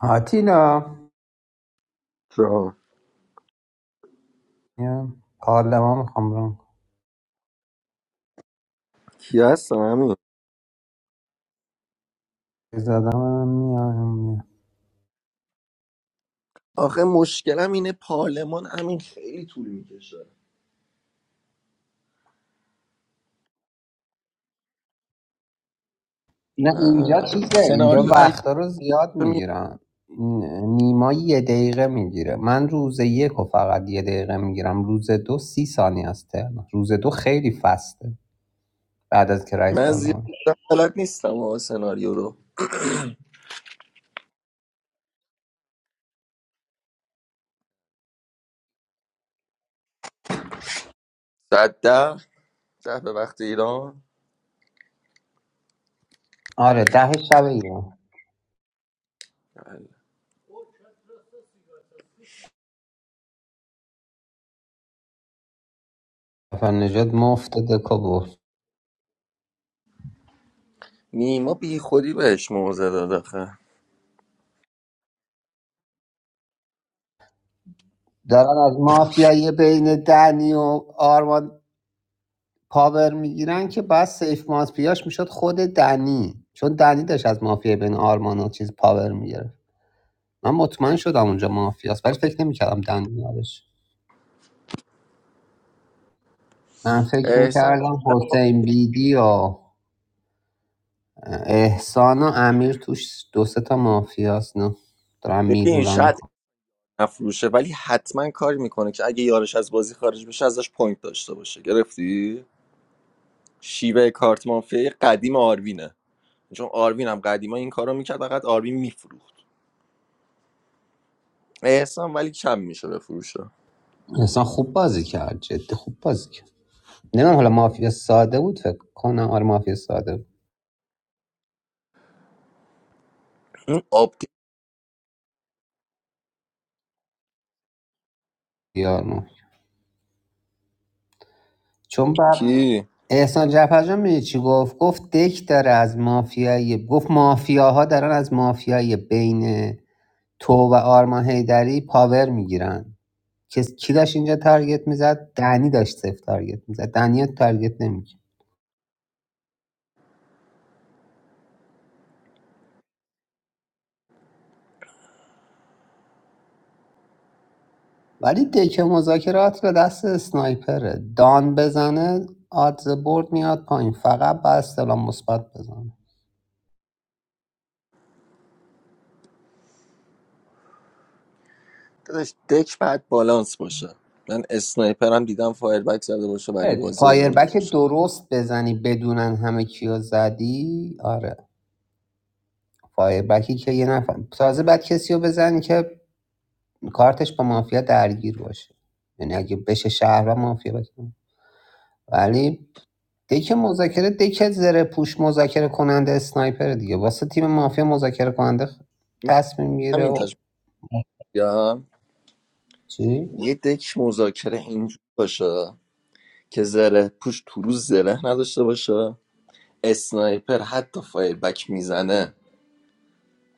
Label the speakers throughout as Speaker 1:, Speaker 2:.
Speaker 1: آتیلا
Speaker 2: جان
Speaker 1: یه پارلمان میخوام برم
Speaker 2: کی هستم همین
Speaker 1: زدم هم میام میام
Speaker 2: آخه مشکلم اینه پارلمان همین خیلی طول میکشه
Speaker 1: نه اینجا چیزه اینجا
Speaker 2: سناریو اگه
Speaker 1: وقتا رو زیاد
Speaker 2: می-
Speaker 1: میگیرن نیما یه دقیقه میگیره من روز یک و فقط یه دقیقه میگیرم روز دو سی ثانیه است ترم. روز دو خیلی فسته بعد از که رئیس
Speaker 2: من زیاد
Speaker 1: پارلمان
Speaker 2: بلد نیستم آقا سناریو رو صد ده ده به وقت ایران
Speaker 1: آره ده شب ایران
Speaker 2: بله.
Speaker 1: نجات مفت دکو برد
Speaker 2: نیما بی خودی بهش موزه داد آخه
Speaker 1: دارن از مافیای بین دنی و آرمان پاور میگیرن که بعد سیف مافیاش میشد خود دنی چون دنی داشت از مافیا بین آرمان و چیز پاور میگرفت من مطمئن شدم اونجا مافیاست ولی فکر نمیکردم دنی یادش من فکر
Speaker 2: احسان
Speaker 1: میکردم
Speaker 2: کلا
Speaker 1: حسین بیدی و احسان و امیر توش دو سه تا مافیاست نه دارم
Speaker 2: ببین
Speaker 1: میلولن
Speaker 2: شاید مفروشه ولی حتما کاری میکنه که اگه یارش از بازی خارج بشه ازش پوینت داشته باشه گرفتی شیوه کارت مافیای قدیم آروینه چون آروین هم قدیما این کارو میکرد فقط آروین میفروخت احسان ولی کم میشه بفروشه
Speaker 1: احسان خوب بازی کرد جدی خوب بازی کرد نمیدونم حالا مافیا ساده بود فکر کنم آره مافیا ساده
Speaker 2: اون آپدیت
Speaker 1: بود چون بر
Speaker 2: کی
Speaker 1: احسان جعفرجان می‌دونی چی گفت گفت دک داره از مافیای گفت مافیاها دارن از مافیای بین تو و آرمان هیدری پاور میگیرن کس کی داشت اینجا تارگت میزد دنی داشت صفر تارگت میزد دنی تارگت نمیکنه ولی دک مذاکرات به دست اسنایپره دان بزنه آدز برد میاد پایین فقط با استلام مثبت بزنه
Speaker 2: داداش دک بعد بالانس باشه من اسنایپرم دیدم فایر بک زده باشه ولی بازی
Speaker 1: فایر
Speaker 2: آورده
Speaker 1: بک
Speaker 2: باشه
Speaker 1: درست بزنی بدونن همه کیو زدی آره فایر بکی که یه نفر تازه بعد کسی رو بزن که کارتش با مافیا درگیر باشه یعنی اگه بشه شهر و مافیا بزن ولی دک مذاکره دک زره پوش مذاکره کننده اسنایپر دیگه واسه تیم مافیا مذاکره کننده خ-
Speaker 2: من
Speaker 1: تصمیم میگیره
Speaker 2: همین
Speaker 1: و
Speaker 2: تشکیم
Speaker 1: چی
Speaker 2: یه دک مذاکره اینجور باشه که زره پوش تو روز زره نداشته باشه اسنایپر حتی فایر بک میزنه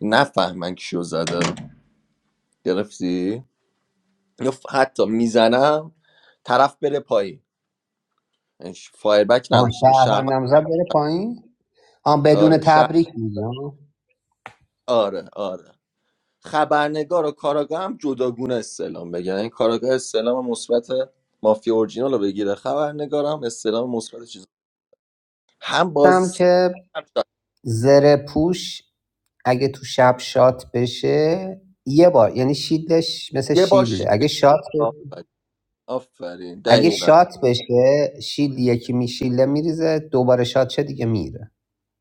Speaker 2: نفهمن کیو زده گرفتی یا ف- حتی میزنم طرف بره پایین هیچ فایربک
Speaker 1: آه
Speaker 2: نداشته باشه شهر
Speaker 1: شهروندم زد بره پایین آه بدون
Speaker 2: آره شهر
Speaker 1: تبریک میگم
Speaker 2: آره آره خبرنگار و کاراگاه هم جداگونه استعلام بگیرن این کاراگاه استعلام مثبت مافیا اورجینال رو بگیره خبرنگار هم استعلام مثبت چیز هم بازی
Speaker 1: گفتم
Speaker 2: سم
Speaker 1: که
Speaker 2: شد.
Speaker 1: زره پوش اگه تو شب شات بشه یه بار یعنی شیلدش مثل
Speaker 2: یه بار شیت
Speaker 1: شیلده اگه شات
Speaker 2: آفرین آفرین
Speaker 1: اگه
Speaker 2: دقیقا
Speaker 1: شات بشه شیل یکی میشیله میریزه دوباره شات شه دیگه میره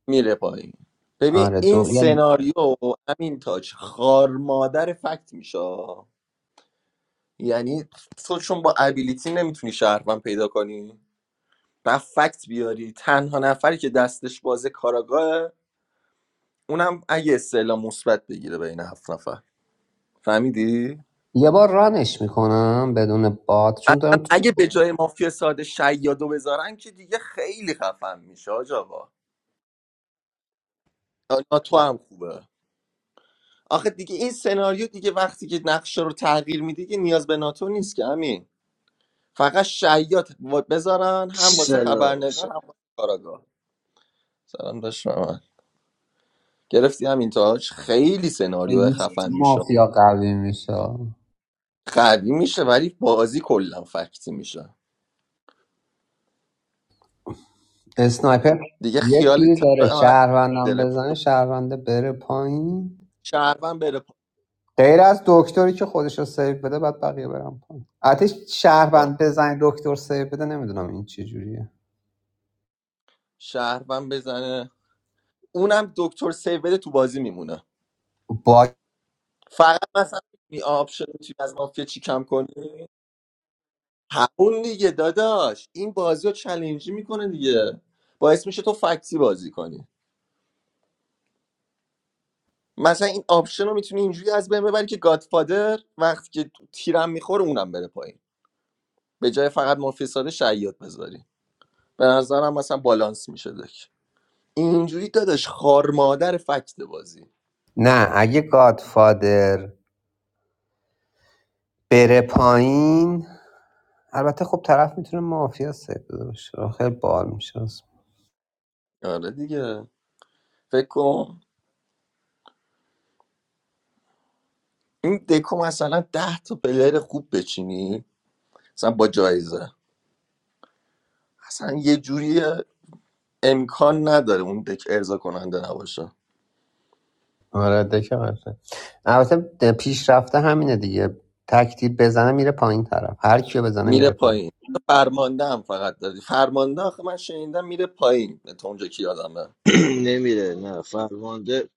Speaker 2: میره پایین ببین
Speaker 1: آره
Speaker 2: این
Speaker 1: دو یعنی
Speaker 2: سناریو همین تاج خار مادر فکت میشه یعنی تو چون با ابیلیتی نمیتونی شهروند پیدا کنی و فکت بیاری تنها نفری که دستش بازه کاراگاه اونم اگه اصطلاح مثبت بگیره بین هفت نفر فهمیدی
Speaker 1: یه بار رانش میکنم بدون باد چون
Speaker 2: اصلا
Speaker 1: دارم تو
Speaker 2: اگه به جای مافیا ساده شیادو بذارن که دیگه خیلی خفن میشه حاج آقا ناتو هم خوبه آخه دیگه این سناریو دیگه وقتی که نقشه رو تغییر میدی که نیاز به ناتو نیست که همین فقط شیاد و- بذارن هم واسه
Speaker 3: سلام
Speaker 2: خبرنگار هم واسه کاراگاه سلام داشت محمد. گرفتی همین تاج خیلی سناریو
Speaker 1: لیست
Speaker 2: خفن میشه
Speaker 1: مافیا قوی میشه
Speaker 2: قوی میشه ولی بازی کلا فکتی میشه
Speaker 1: اسنایپر
Speaker 2: دیگه
Speaker 1: یه
Speaker 2: خیال
Speaker 1: تیر داره شهروندم
Speaker 2: داره
Speaker 1: بزنه شهرونده بره پایین
Speaker 2: شهروند بره پا-
Speaker 1: غیر از دکتری که خودش رو سیو بده بعد بقیه برم پایین آتش
Speaker 2: آه.
Speaker 1: شهروند بزنه دکتر سیو بده نمیدونم این چه جوریه
Speaker 2: شهروند بزنه اونم دکتر سیو بده تو بازی میمونه
Speaker 1: با
Speaker 2: فقط مثلا می آپشن توی از مافیا چی کم کنی همون دیگه داداش این بازی رو چلنجی میکنه دیگه باعث میشه تو فکتی بازی کنی مثلا این آپشن رو میتونی اینجوری از بین ببری که گادفادر وقتی که تیرم میخوره اونم بره پایین به جای فقط مافیا ساده شعیات بذاری به نظرم مثلا بالانس میشه دک اینجوری داداش خار مادر فکت بازی
Speaker 1: نه اگه گادفادر بره پایین البته خب طرف میتونه مافیا سیو بده باشه خیلی بال میشه
Speaker 2: آره دیگه فکر کن این دکو مثلا ده تا پلیر خوب بچینی مثلا با جایزه اصلا یه جوری امکان نداره اون دک ارضا کننده نباشه
Speaker 1: آره دکه قشنگ. البته پیشرفته همینه دیگه تکتیر بزنه میره پایین طرف هر کیو بزنه
Speaker 2: میره
Speaker 1: میره پایین
Speaker 2: پایین فرمانده هم فقط دادی فرمانده آخه من شنیدم میره پایین تا اونجا کی یادمه
Speaker 3: نمیره نه فرمانده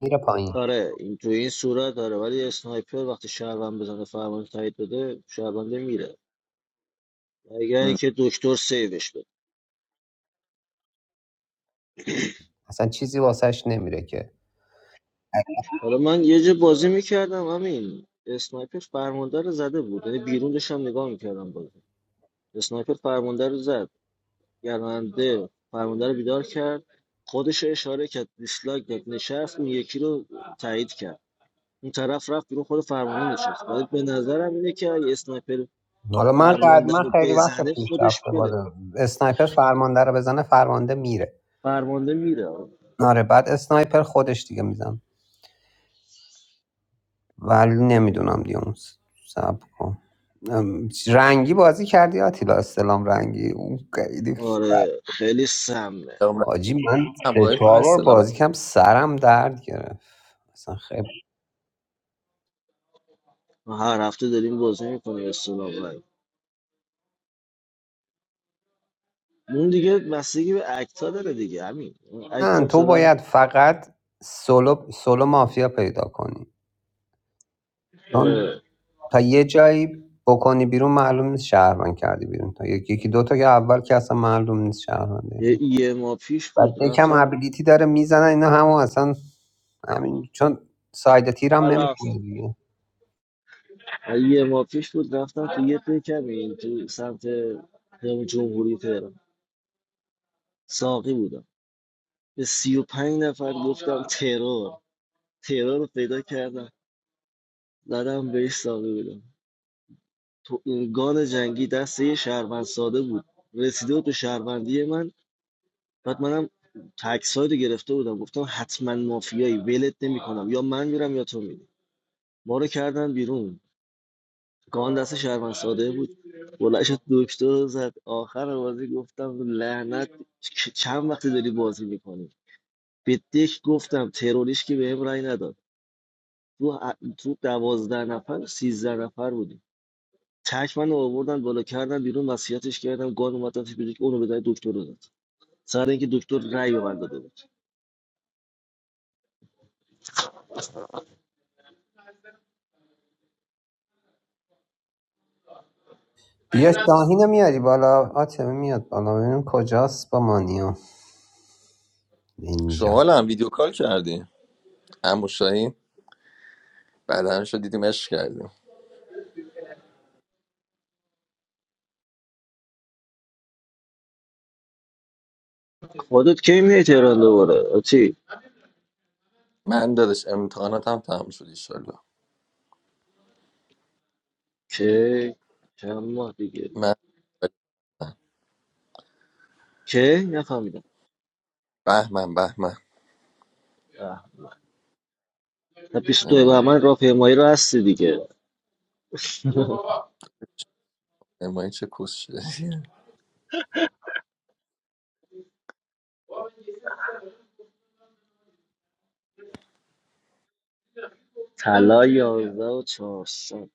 Speaker 1: میره پایین
Speaker 3: آره این تو این صورت داره ولی اسنایپر وقتی شهروند بزنه فرمانده تایید بده شهرونده میره اگر
Speaker 2: ام.
Speaker 3: اینکه دکتر سیوش بده
Speaker 1: اصلا چیزی واسش نمیره که
Speaker 3: حالا من یه جا بازی میکردم همین اسنایپر فرمانده رو زده بود یعنی بیرون داشتم نگاه میکردم بازی اسنایپر فرمانده رو زد گرمنده فرمانده رو بیدار کرد خودش رو اشاره کرد دیسلایک داد نشست اون یکی رو تایید کرد اون طرف رفت بیرون خود فرمانده نشست ولی به نظرم اینه که اگه اسنایپر
Speaker 1: حالا من قد
Speaker 3: فرمانده
Speaker 1: من
Speaker 3: رو
Speaker 1: خیلی وقت
Speaker 3: بزنه خودش
Speaker 1: پیشرفته
Speaker 3: بره
Speaker 1: بوده اسنایپر فرمانده رو بزنه فرمانده میره
Speaker 3: فرمانده میره
Speaker 1: آره بعد اسنایپر خودش دیگه میزن ولی نمیدونم دیگه اون سب رنگی بازی کردی آتیلا استلام رنگی اون خیلی
Speaker 3: آره خیلی سمه
Speaker 1: آجی من سه
Speaker 2: اوایل فقط
Speaker 1: چهار بار
Speaker 2: سلام
Speaker 1: بازی کم سرم درد گرفت اصلا خیلی
Speaker 3: ما هر هفته داریم بازی میکنیم استلام رای اون دیگه بستگی به اکتا داره دیگه همین اون اکت
Speaker 1: نه، تو
Speaker 3: مثلا
Speaker 1: باید فقط سولو سولو مافیا پیدا کنی چون
Speaker 3: آره
Speaker 1: تا یه جایی بکنی بیرون معلوم نیست شهروند کردی بیرون تا یکی یکی دو تا که اول که اصلا معلوم نیست شهرونده
Speaker 3: یه یه ماه پیش
Speaker 1: بعد
Speaker 3: بود
Speaker 1: یکم
Speaker 3: رفتم
Speaker 1: ابیلیتی داره میزنن اینا همون اصلا همین چون ساید تیرم
Speaker 3: حالا اصلا.
Speaker 1: نمیکنه
Speaker 3: یه ماه پیش بود رفتم تو یه پکمی تو سمت جمهوری تهران ساقی بودم به سی و پنج نفر گفتم ترور تهران رو پیدا کردم زدم بهش ساقه بدم تو اون گان جنگی دست یه شهروند ساده بود رسیده بود به شهروندی من بعد منم تکس رو گرفته بودم گفتم حتما مافیایی ولت نمیکنم یا من میرم یا تو میری ما رو کردن بیرون گان دست شهروند ساده بود بلنش دکتر رو زد آخر بازی گفتم لعنت چ- چند وقتی داری بازی میکنی به دک گفتم تروریش که بهم رأی نداد تو تو دوازده نفر سیزده نفر بودیم تک من آوردن بالا کردن بیرون وصیتش کردم گان اومدن تو پزشک اونو بدن دکتر رو داد سر اینکه دکتر رأی به من داده بود
Speaker 1: بیا شاهینو میاری بالا آتمه میاد بالا ببینیم کجاست با مانیو اینجا
Speaker 2: شما هم ویدیو کال کردی عمو شاهین بعدنشو دیدیم عشق کردیم
Speaker 3: خودت کی میای تهران دوباره چی
Speaker 2: من دادش امتحاناتم تمام شد ایشالله
Speaker 3: کی چند ماه دیگه
Speaker 2: من
Speaker 3: کی نفهمیدم
Speaker 2: بهمن بهمن
Speaker 3: اه. تا 22
Speaker 2: آره.
Speaker 3: بهمن راهپیمایی رو هستی دیگه
Speaker 2: امایی چه کس شده
Speaker 3: طلا 11 و 400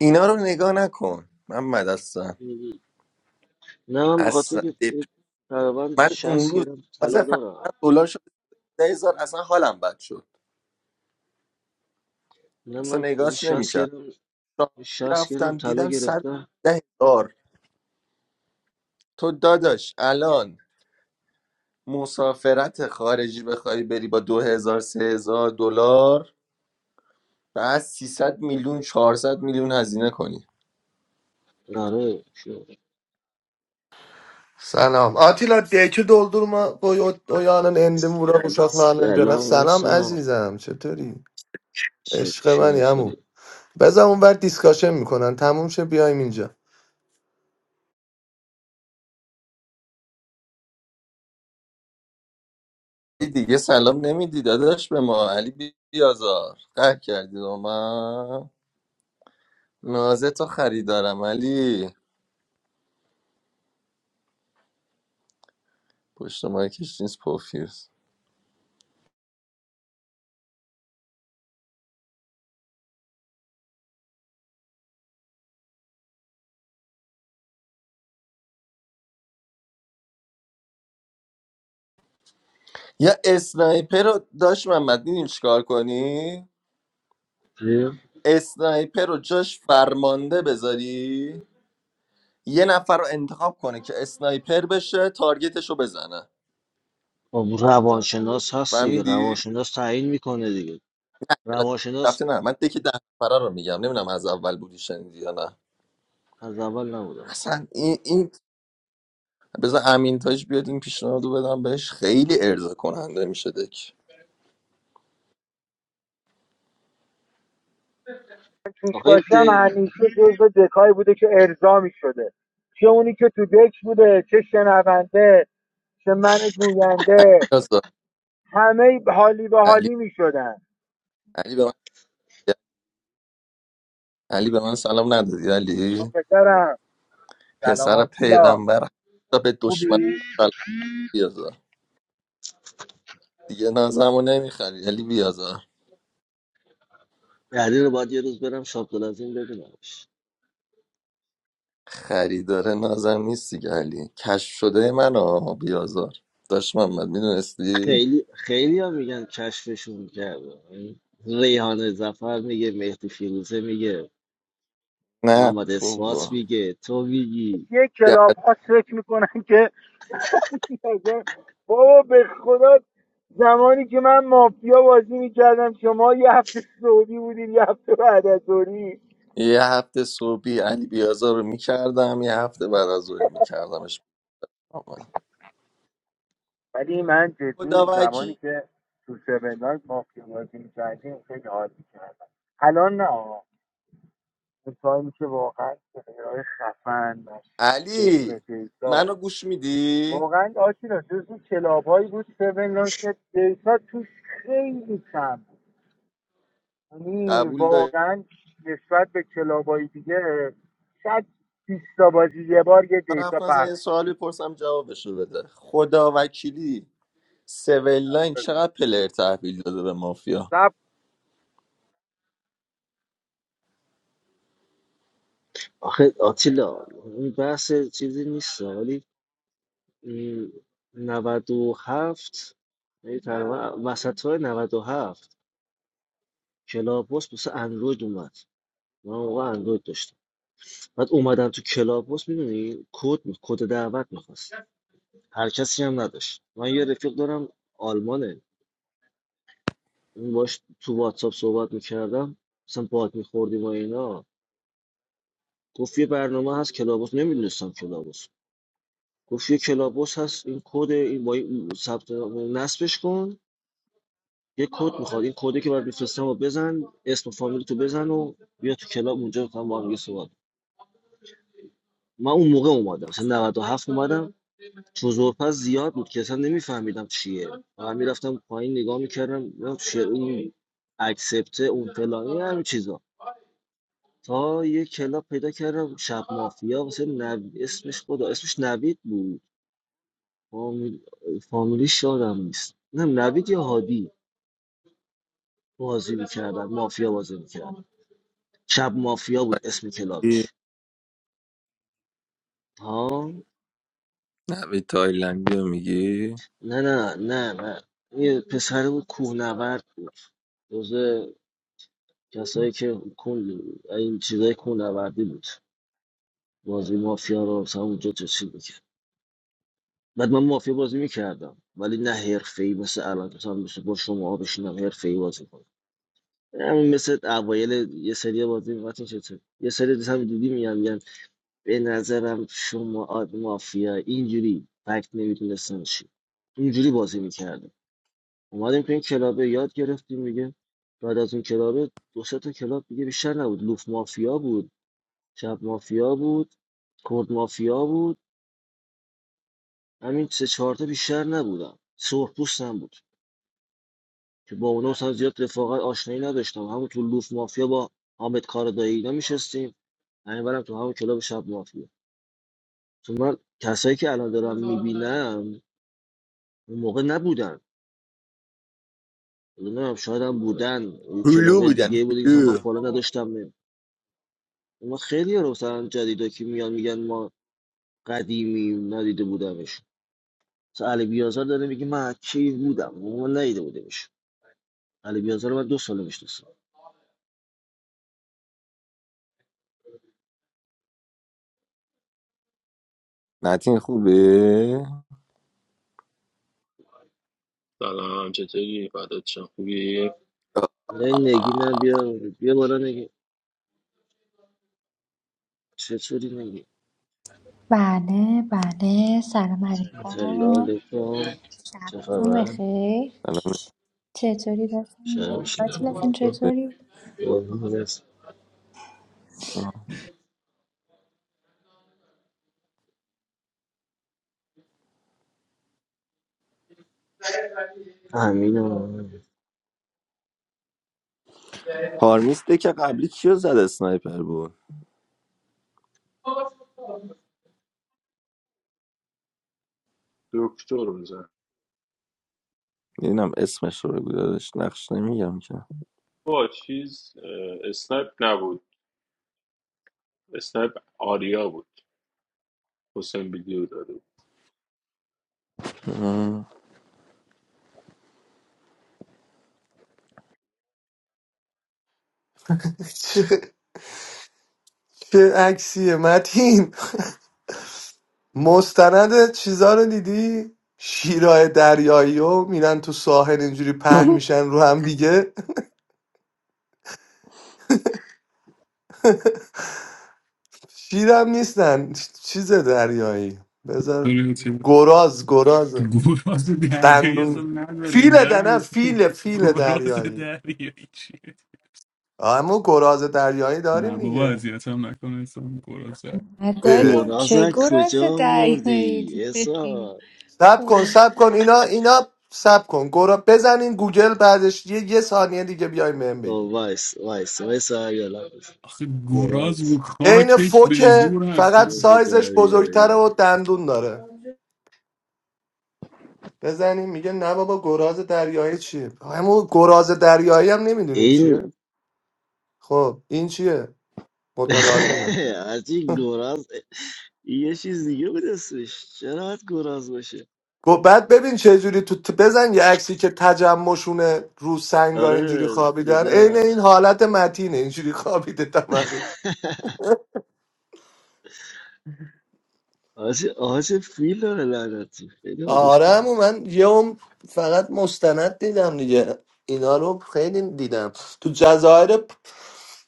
Speaker 2: اینا رو نگاه نکن من مدستم
Speaker 3: نه من به خاطر
Speaker 2: اصلا
Speaker 3: که
Speaker 2: دپ-
Speaker 3: تقریبا
Speaker 2: من اون
Speaker 3: 60
Speaker 2: روز
Speaker 3: گرم
Speaker 2: تازه
Speaker 3: طلا دارم
Speaker 2: فهمیدم دلار شد 10000 اصلا حالم بد شد
Speaker 3: نه
Speaker 2: اصلا
Speaker 3: من
Speaker 2: نگاهش
Speaker 3: 60
Speaker 2: نمیکرد
Speaker 3: گرم 60 گرم
Speaker 2: رفتم
Speaker 3: طلا
Speaker 2: دیدم صد
Speaker 3: گرفتم
Speaker 2: ده هزار تو داداش الان مسافرت خارجی بخوای بری با 2000 3000 دلار بعد 300 میلیون 400 میلیون هزینه کنی
Speaker 3: آره شو
Speaker 4: Selam. Atilla deki doldurma koy o, o yanın endimi bura uşaklarla canak.
Speaker 3: سلام
Speaker 4: Selam
Speaker 3: عشقم.
Speaker 4: azizem چطوری؟ عشق من
Speaker 3: چکشیم
Speaker 4: یمو
Speaker 3: سودی
Speaker 4: بزن اون ور دیسکاشن میکنن تموم شه بیایم اینجا
Speaker 2: علی دیگه سلام نمیدی داداش به ما علی بی- بیازار قهر کردی با من نازه تو خریدارم علی پشت مایکش نیست پوفیوز یا اسنایپر رو داشت محمد میدیم چیکار کنی
Speaker 3: چی؟
Speaker 2: اسنایپر رو جاش فرمانده بذاری یه نفر رو انتخاب کنه که اسنایپر بشه تارگتش رو بزنه
Speaker 3: خب روانشناس هست دیگه
Speaker 2: فهمیدی
Speaker 3: روانشناس تعیین میکنه دیگه روانشناس
Speaker 2: رفته نه من دکی ده نفره رو میگم نمیدونم از اول بودی شنیدی یا نه
Speaker 3: از اول نبودم
Speaker 2: اصلا این, این بذار امین تاج بیاد این پیشنهادو بدم بهش خیلی ارضا کننده میشه دک
Speaker 5: توش
Speaker 3: آخه این
Speaker 5: باشم
Speaker 3: ته-
Speaker 5: همیشه جزو دکایی بوده که ارضا شده چه اونی که تو دک بوده چه شنونده چه من گوینده
Speaker 2: یاسا،
Speaker 5: همه حالی به
Speaker 2: علی
Speaker 5: حالی میشدن
Speaker 2: علی به من علی به من سلام ندادی علی
Speaker 5: پسرم سلام
Speaker 2: پسر
Speaker 5: آتیلا
Speaker 2: پیغمبر حتی به دشمن
Speaker 5: خوبی؟
Speaker 2: سلام بیازا دیگه نازمو نمیخری علی بیازار
Speaker 3: یعنی رو باید یه روز برم شاب این ببینمش
Speaker 2: خریدار نازم نیست دیگه علی کشف شده من منو بیازار داشت محمد میدونستی
Speaker 3: خیلی خیلی هم میگن کشفشون کرده یعنی ریحانه زفر میگه مهدی فیروزه میگه
Speaker 2: نه
Speaker 3: محمد اسماس
Speaker 2: بابا
Speaker 3: میگه تو میگی
Speaker 5: یک
Speaker 2: یه
Speaker 5: کلاب ها فکر میکنن که بابا به خدا زمانی که من مافیا بازی میکردم شما یه هفته سعودی بودین یه هفته بعد از ظهری.
Speaker 2: یه هفته صبحی علی بیازار رو میکردم یه هفته بعد از ظهر میکردمش
Speaker 5: ولی من جدی
Speaker 2: خدا
Speaker 5: زمانی
Speaker 2: وکیلی.
Speaker 5: که تو سوندان مافیا بازی میکردیم خیلی حال میکردم الان نه آقا. اون تایمی که واقعا سهرهای خفن مشتی بدون
Speaker 2: علی
Speaker 5: دیتا
Speaker 2: منو گوش میدی
Speaker 5: واقعا آشینا جز اون کلابهایی بود سوندان که دیتا توش خیلی کم بود یعنی
Speaker 2: قبول داری
Speaker 5: واقعا نسبت به کلابایی دیگه شاید بیست تا بازی یه بار یه
Speaker 2: من
Speaker 5: دیتا
Speaker 2: حرف نزن
Speaker 5: پخش
Speaker 2: یه
Speaker 5: می‌شد.
Speaker 2: سوال بپرسم جوابشو بده خدا وکیلی سیویل لاین چقدر پلر تحویل داده به مافیا
Speaker 3: آخه آتیلا این بحث چیزی نیست ولی این نود و هفت. یعنی تقریبا وسط های نود و هفت. کلاباس واسه اندروید اومد من اون موقع اندروید داشتم بعد اومدم تو کلاباس میدونی کد کد دعوت میخواست هر کسی هم نداشت من یه رفیق دارم آلمانه اون باش تو واتساپ صحبت میکردم مثلا باد میخوردیم و اینا گفت یه برنامه هست کلاباس نمیدونستم کلاباس گفت یه کلاباس هست این کد این با این ثبت نصبش کن یه کد میخواد این کدی که باید میفرستم و بزن اسم و فامیل تو بزن و بیا تو کلاب اونجا با هم با هم دیگه صحبت من اون موقع اومدم سن 97 اومدم چوزورپس زیاد بود که اصلا نمیفهمیدم چیه فقط میرفتم پایین نگاه میکردم ببینم چیه این اکسپت اون فلانی همین چیزا تا یه کلاب پیدا کردم شب مافیا واسه نو... اسمش خدا اسمش نوید بود فامیل... فامیلیش یادم نیست نه نوید یا هادی بازی میکردن مافیا بازی میکردن شب مافیا بود اسم
Speaker 2: ای،
Speaker 3: کلابش ها
Speaker 2: نوی تایلندی رو میگی
Speaker 3: نه نه نه نه یه پسر بود کوهنورد بود جزء کسایی که کل این چیزای کوهنوردی بود بازی مافیا رو مثلا اونجا چیز میکرد بعد من مافیا بازی میکردم ولی نه حرفه ای مثل الان مثلا مثل با شما بشینم حرفه ای بازی کنم همین مثل اوایل یه سری بازی می‌گفتین چطور یه سری دیگه هم دیدی میگم میگم به نظرم شما آد مافیا اینجوری فکت نمیتونستن چی اینجوری بازی میکردم اومدیم تو این کلابه یاد گرفتیم میگه بعد از اون کلابه دو سه تا کلاب دیگه بیشتر نبود لوف مافیا بود شب مافیا بود کرد مافیا بود همین سه چهار تا بیشتر نبودم سرخپوستم بود که با اونا اصلا زیاد رفاقت آشنایی نداشتم همون تو لوف مافیا با حامد کاردایی اینا میشستیم همین برم تو همون کلاب شب مافیا تو من کسایی که الان دارم میبینم اون موقع نبودن نمیدونم شاید هم بودن اون
Speaker 2: هلو
Speaker 3: کلاب
Speaker 2: بودن
Speaker 3: دیگه بوده که مثلا من
Speaker 2: هلو
Speaker 3: فالا نداشتم ما خیلی رو مثلا جدیدا که میان میگن ما قدیمی ندیده بودمشون مثلا علی بیازار داره میگه من کی بودم ما ندیده بودیمش علی بیازار رو من دو سال میشناسم
Speaker 2: نتین خوبه
Speaker 6: سلام چطوری فدات شم خوبی
Speaker 3: نه نگی
Speaker 2: آه.
Speaker 3: نه بیا بیا بالا نگی چطوری نگی
Speaker 7: Ba ne ba ne, salamat ko.
Speaker 3: سلام علیکم چه
Speaker 7: Sabi kung may k,
Speaker 3: خبر
Speaker 2: سلام
Speaker 7: checho ni tasa.
Speaker 3: شهر
Speaker 7: Pa tala pun
Speaker 3: شما
Speaker 7: checho
Speaker 2: علیکم.
Speaker 7: ni.
Speaker 3: امین آمد.
Speaker 2: پارمیس ده که قبلی کیو زد اسنایپر بود
Speaker 6: دکتر رو زن
Speaker 2: میدونم اسمش رو بگو داداش نقش نمیگم که
Speaker 6: با چیز اه، اسنایپ نبود اسنایپ آریا بود حسین ویدیو داده بود
Speaker 2: اه.
Speaker 4: چه, چه عکسیه متین مستند چیزا رو دیدی؟ شیرای دریایی و میرن تو ساحل اینجوری پهن میشن رو هم دیگه شیرم نیستن چیز دریایی بذار
Speaker 8: داره چه-
Speaker 4: گراز گراز
Speaker 8: تو گراز دریایی اصلا
Speaker 4: دندون
Speaker 8: نداریم
Speaker 4: فیل ده نه
Speaker 8: دنس
Speaker 4: فیل فیل
Speaker 8: گراز
Speaker 4: دریایی
Speaker 8: دریایی چیه
Speaker 4: اما گراز دریایی داریم
Speaker 8: نه بابا
Speaker 4: دیگه
Speaker 8: اذیت هم نکنه اصلا گراز در-
Speaker 7: Nadaram
Speaker 4: اه.
Speaker 3: گنازه
Speaker 7: chegora sa
Speaker 3: کجا
Speaker 7: day nay.
Speaker 3: بردی احسان
Speaker 4: سب کن سب کن اینا اینا سب کن گرا بزنین گوگل بعدش یه, یه ثانیه دیگه بیای من
Speaker 3: او
Speaker 4: بگین
Speaker 3: وایس وایس وایس یا لبس
Speaker 8: آخه گراز رو
Speaker 3: گراز
Speaker 4: عین
Speaker 8: خاکش به
Speaker 4: فوکه
Speaker 8: زور
Speaker 4: فقط
Speaker 3: گراز
Speaker 8: هستن
Speaker 4: سایزش بزرگتره
Speaker 3: دریایی
Speaker 4: و دندون داره بزنین میگه نه بابا گراز دریایی چیه همون گراز دریایی هم نمیدونین
Speaker 3: این
Speaker 4: چیه خب این چیه مطالعات
Speaker 3: حاجی گراز یه چیز دیگه بود اسمش چرا باید گراز باشه
Speaker 4: گفت بعد ببین چه جوری تو تو بزن یه عکسی که تجمعشونه رو سنگا اینجوری
Speaker 3: آره
Speaker 4: خوابیدن عین
Speaker 3: دیدم
Speaker 4: این حالت متینه اینجوری خوابیده تمرد
Speaker 3: آج آج فیل داره لعنتی خیلی آجش
Speaker 4: آره
Speaker 3: کن
Speaker 4: عمو من یه عمر فقط مستند دیدم دیگه اینا رو خیلی دیدم تو جزایر پ-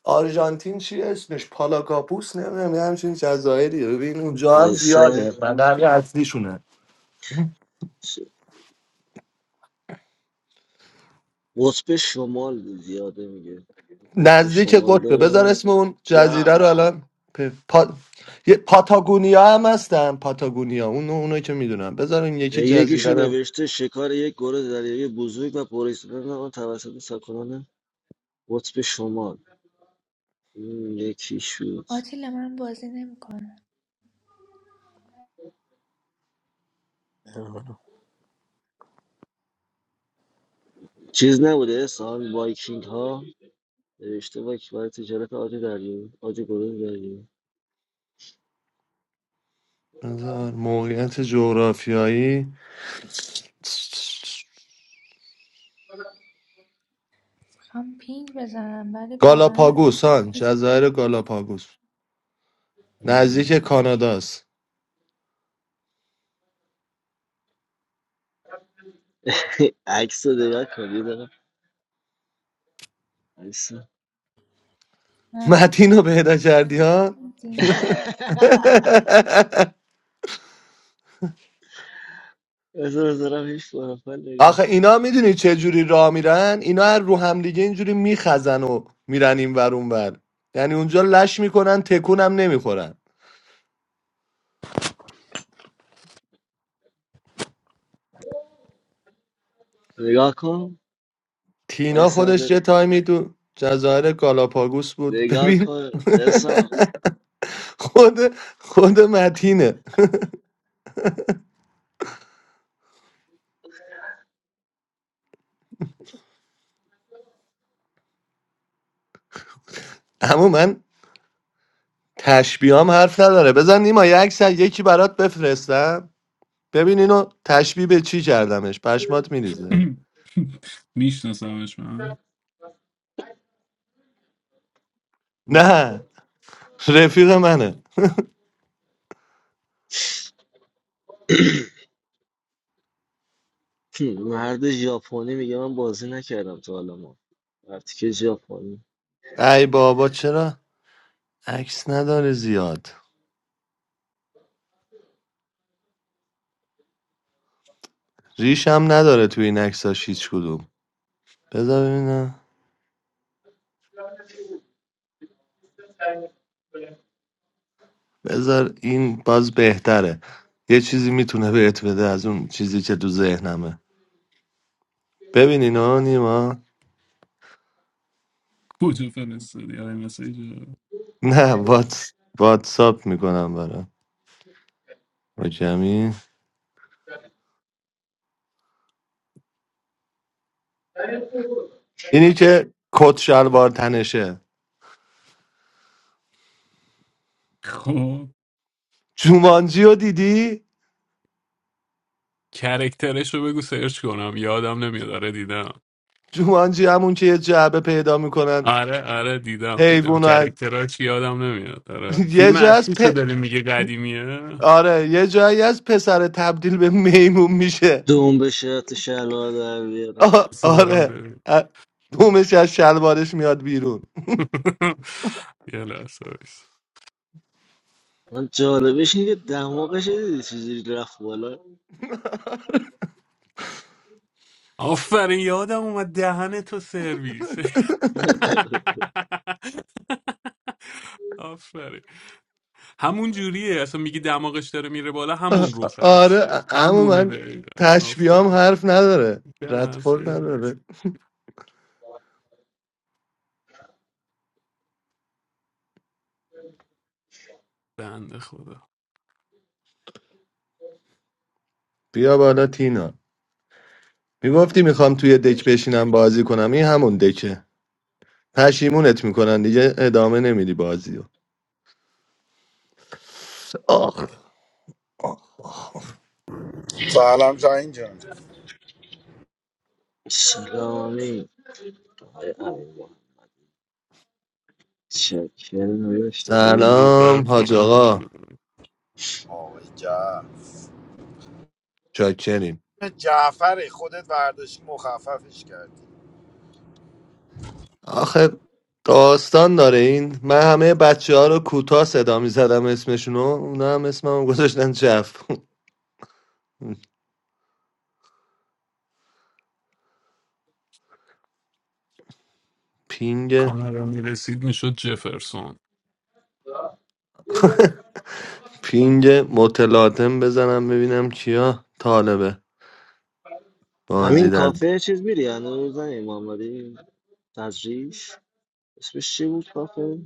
Speaker 4: آرژانتین چی اسمش پالاکاپوس نمیدونم یه همچین جزایری ببین اونجا هم
Speaker 3: وایسا
Speaker 4: زیاده من همین اصلیشونه
Speaker 3: ش- قطب شمال دیدی یاده میگه قطب
Speaker 4: نزدیک
Speaker 3: شمال
Speaker 4: قطبه بذار
Speaker 3: داره
Speaker 4: اسم اون جزیره
Speaker 6: جف
Speaker 4: رو الان پ... پا... یه پاتاگونیا هم هستن پاتاگونیا اون اونایی که میدونم بذار این یکی
Speaker 3: یکیشو
Speaker 4: جزیره رو
Speaker 3: نوشته شکار یک گروه دریایی بزرگ و پر استفاده آن توسط ساکنان قطب شمال این یکی شد
Speaker 7: Pa tala man baza ni mukha.
Speaker 3: چیز نبوده سال وایکینگ ها نوشته وایکینگ برای تجارت آج دریایی آج گروه دریایی
Speaker 4: بذار موقعیت جغرافیایی
Speaker 7: Kama pin baza man balibo kan.
Speaker 4: گالاپاگوس هان جزایر گالاپاگوس نزدیک
Speaker 3: میدونم.
Speaker 4: کاناداست
Speaker 3: عکس رو نگاه کن یه دقیقه وایسا.
Speaker 7: Namu
Speaker 4: متین رو پیدا کردی ها
Speaker 7: sa nay.
Speaker 3: بذار بذارم هیچ پروفایل نگاه
Speaker 4: آخه اینا میدونی چه جوری راه میرن اینا هر رو هم دیگه اینجوری میخزن و میرن این ور اون ور یعنی اونجا لش میکنن تکون هم نمیخورن
Speaker 3: نگاه کن
Speaker 4: تینا
Speaker 3: وایسا
Speaker 4: خودش
Speaker 3: بذار-
Speaker 4: یه تایمی تو جزایر گالاپاگوس بود
Speaker 3: نگاه
Speaker 4: ببین
Speaker 3: کن اسا
Speaker 4: خود خود متینه اما من تشبیهام حرف نداره بزن نیما یه عکس از یکی برات بفرستم ببین اینو تشبیه به چی کردمش پشمات میریزه
Speaker 8: میشناسمش من
Speaker 4: نه رفیق منه
Speaker 3: مرد ژاپنی میگه من بازی نکردم تا حالا ما وقتی که ژاپنی
Speaker 4: ای بابا چرا عکس نداره زیاد ریشم نداره توی این عکساش هیچ کدوم بذار ببینم بذار این باز بهتره یه چیزی میتونه بهت بده از اون چیزی که تو ذهنمه ببین اینا نیما
Speaker 8: کجا فرستادی آره مسیج
Speaker 4: نه واتس واتساپ میکنم برام جمعی اینی که کت شلوار تنشه
Speaker 8: خب
Speaker 4: جومانجی رو دیدی
Speaker 8: کرکترش رو بگو سرچ کنم یادم نمیاد آره دیدم
Speaker 4: جومانجی همون که یه جعبه پیدا میکنن
Speaker 8: آره آره دیدم دیدم
Speaker 4: حیوان رو از-
Speaker 8: کرکتراش یادم نمیاد آره
Speaker 4: یه
Speaker 8: فیلم
Speaker 4: جا از
Speaker 8: اصلی
Speaker 4: پ...
Speaker 8: چه داری میگه قدیمیه
Speaker 4: آره یه جایی از پسر تبدیل به میمون میشه
Speaker 3: دوم به شرط شلوار در
Speaker 4: آ-
Speaker 3: بیاره
Speaker 8: بسه برم
Speaker 4: آره
Speaker 8: ببین
Speaker 4: ا- دومش از شلوارش میاد بیرون
Speaker 8: یه لحظه بایست
Speaker 3: من جالبش اینه که دماغش رو دیدی چجوری رفت بالا
Speaker 8: آفرین یادم اومد دهن تو سرویس آفرین همون جوریه اصلا میگی دماغش داره میره بالا
Speaker 4: آ-
Speaker 8: همون رخ هست
Speaker 4: آره اما
Speaker 8: همونه
Speaker 4: من
Speaker 8: دقیقا
Speaker 4: تشبیه هم
Speaker 8: آفرین
Speaker 4: حرف نداره
Speaker 8: دهن
Speaker 4: ردخور
Speaker 8: سرویس
Speaker 4: نداره
Speaker 8: بنده خدا
Speaker 4: بیا بالا تینا میگفتی میخوام توی دک بشینم بازی کنم این همون دکه پشیمونت میکنن دیگه ادامه نمیدی بازیو. رو آخ
Speaker 9: Assalamualaikum.
Speaker 3: سلامی چکرم داداش.
Speaker 8: درود بر
Speaker 4: سلام حاج
Speaker 8: شما
Speaker 4: آقا
Speaker 9: Waalaikum.
Speaker 4: چاکریم
Speaker 9: Jaffer, Khodet vaadush mo khafafishkardi.
Speaker 4: آخه داستان داره این من همه بچه ها رو کوتاه صدا میزدم اسمشونو اونا هم اسمم گذاشتن جف پینگ
Speaker 8: کانادا میرسید میشد جفرسون
Speaker 4: پینگ متلاطم بزنم ببینم کیا طالبه بازی
Speaker 3: همین
Speaker 4: در
Speaker 3: کافه چیز میری هنوز زنی محمدی تجریش اسمش چی بود کافه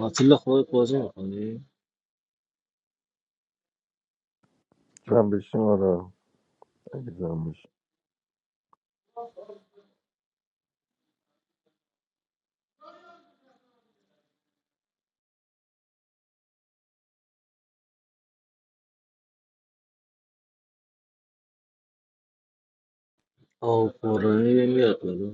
Speaker 3: آتیل خودت بازی میکنی
Speaker 2: جمع بشیم آره اگه جمع بشیم
Speaker 3: آه قرآنی میاد بلا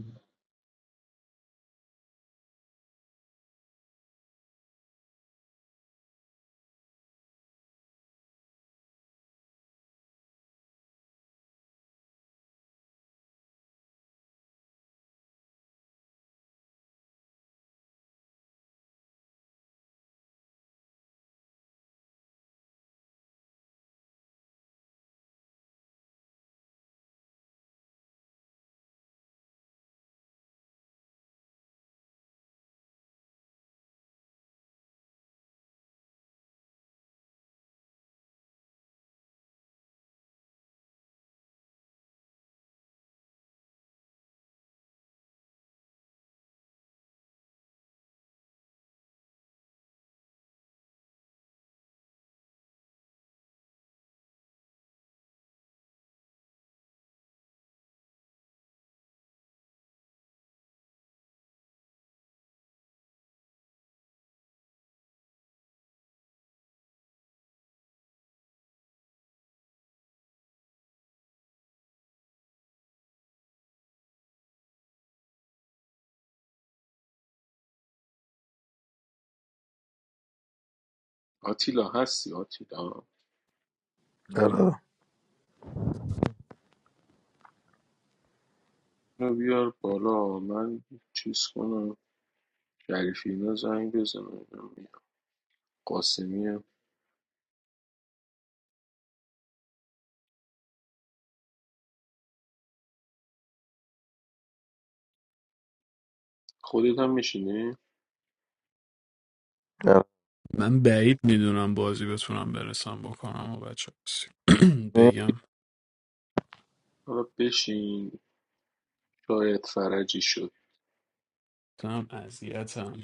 Speaker 6: آتیلا هستی آتیلا
Speaker 2: آره.
Speaker 6: اینو بیار بالا من چیز کنم شریفی اینا زنگ بزنم قاسمی خودت هم میشینی
Speaker 2: Hallelujah.
Speaker 8: من بعید میدونم بازی بتونم برسم بکنم و بچه بسید. بگم
Speaker 6: حالا بشین شاید فرجی شد
Speaker 8: Time as yet.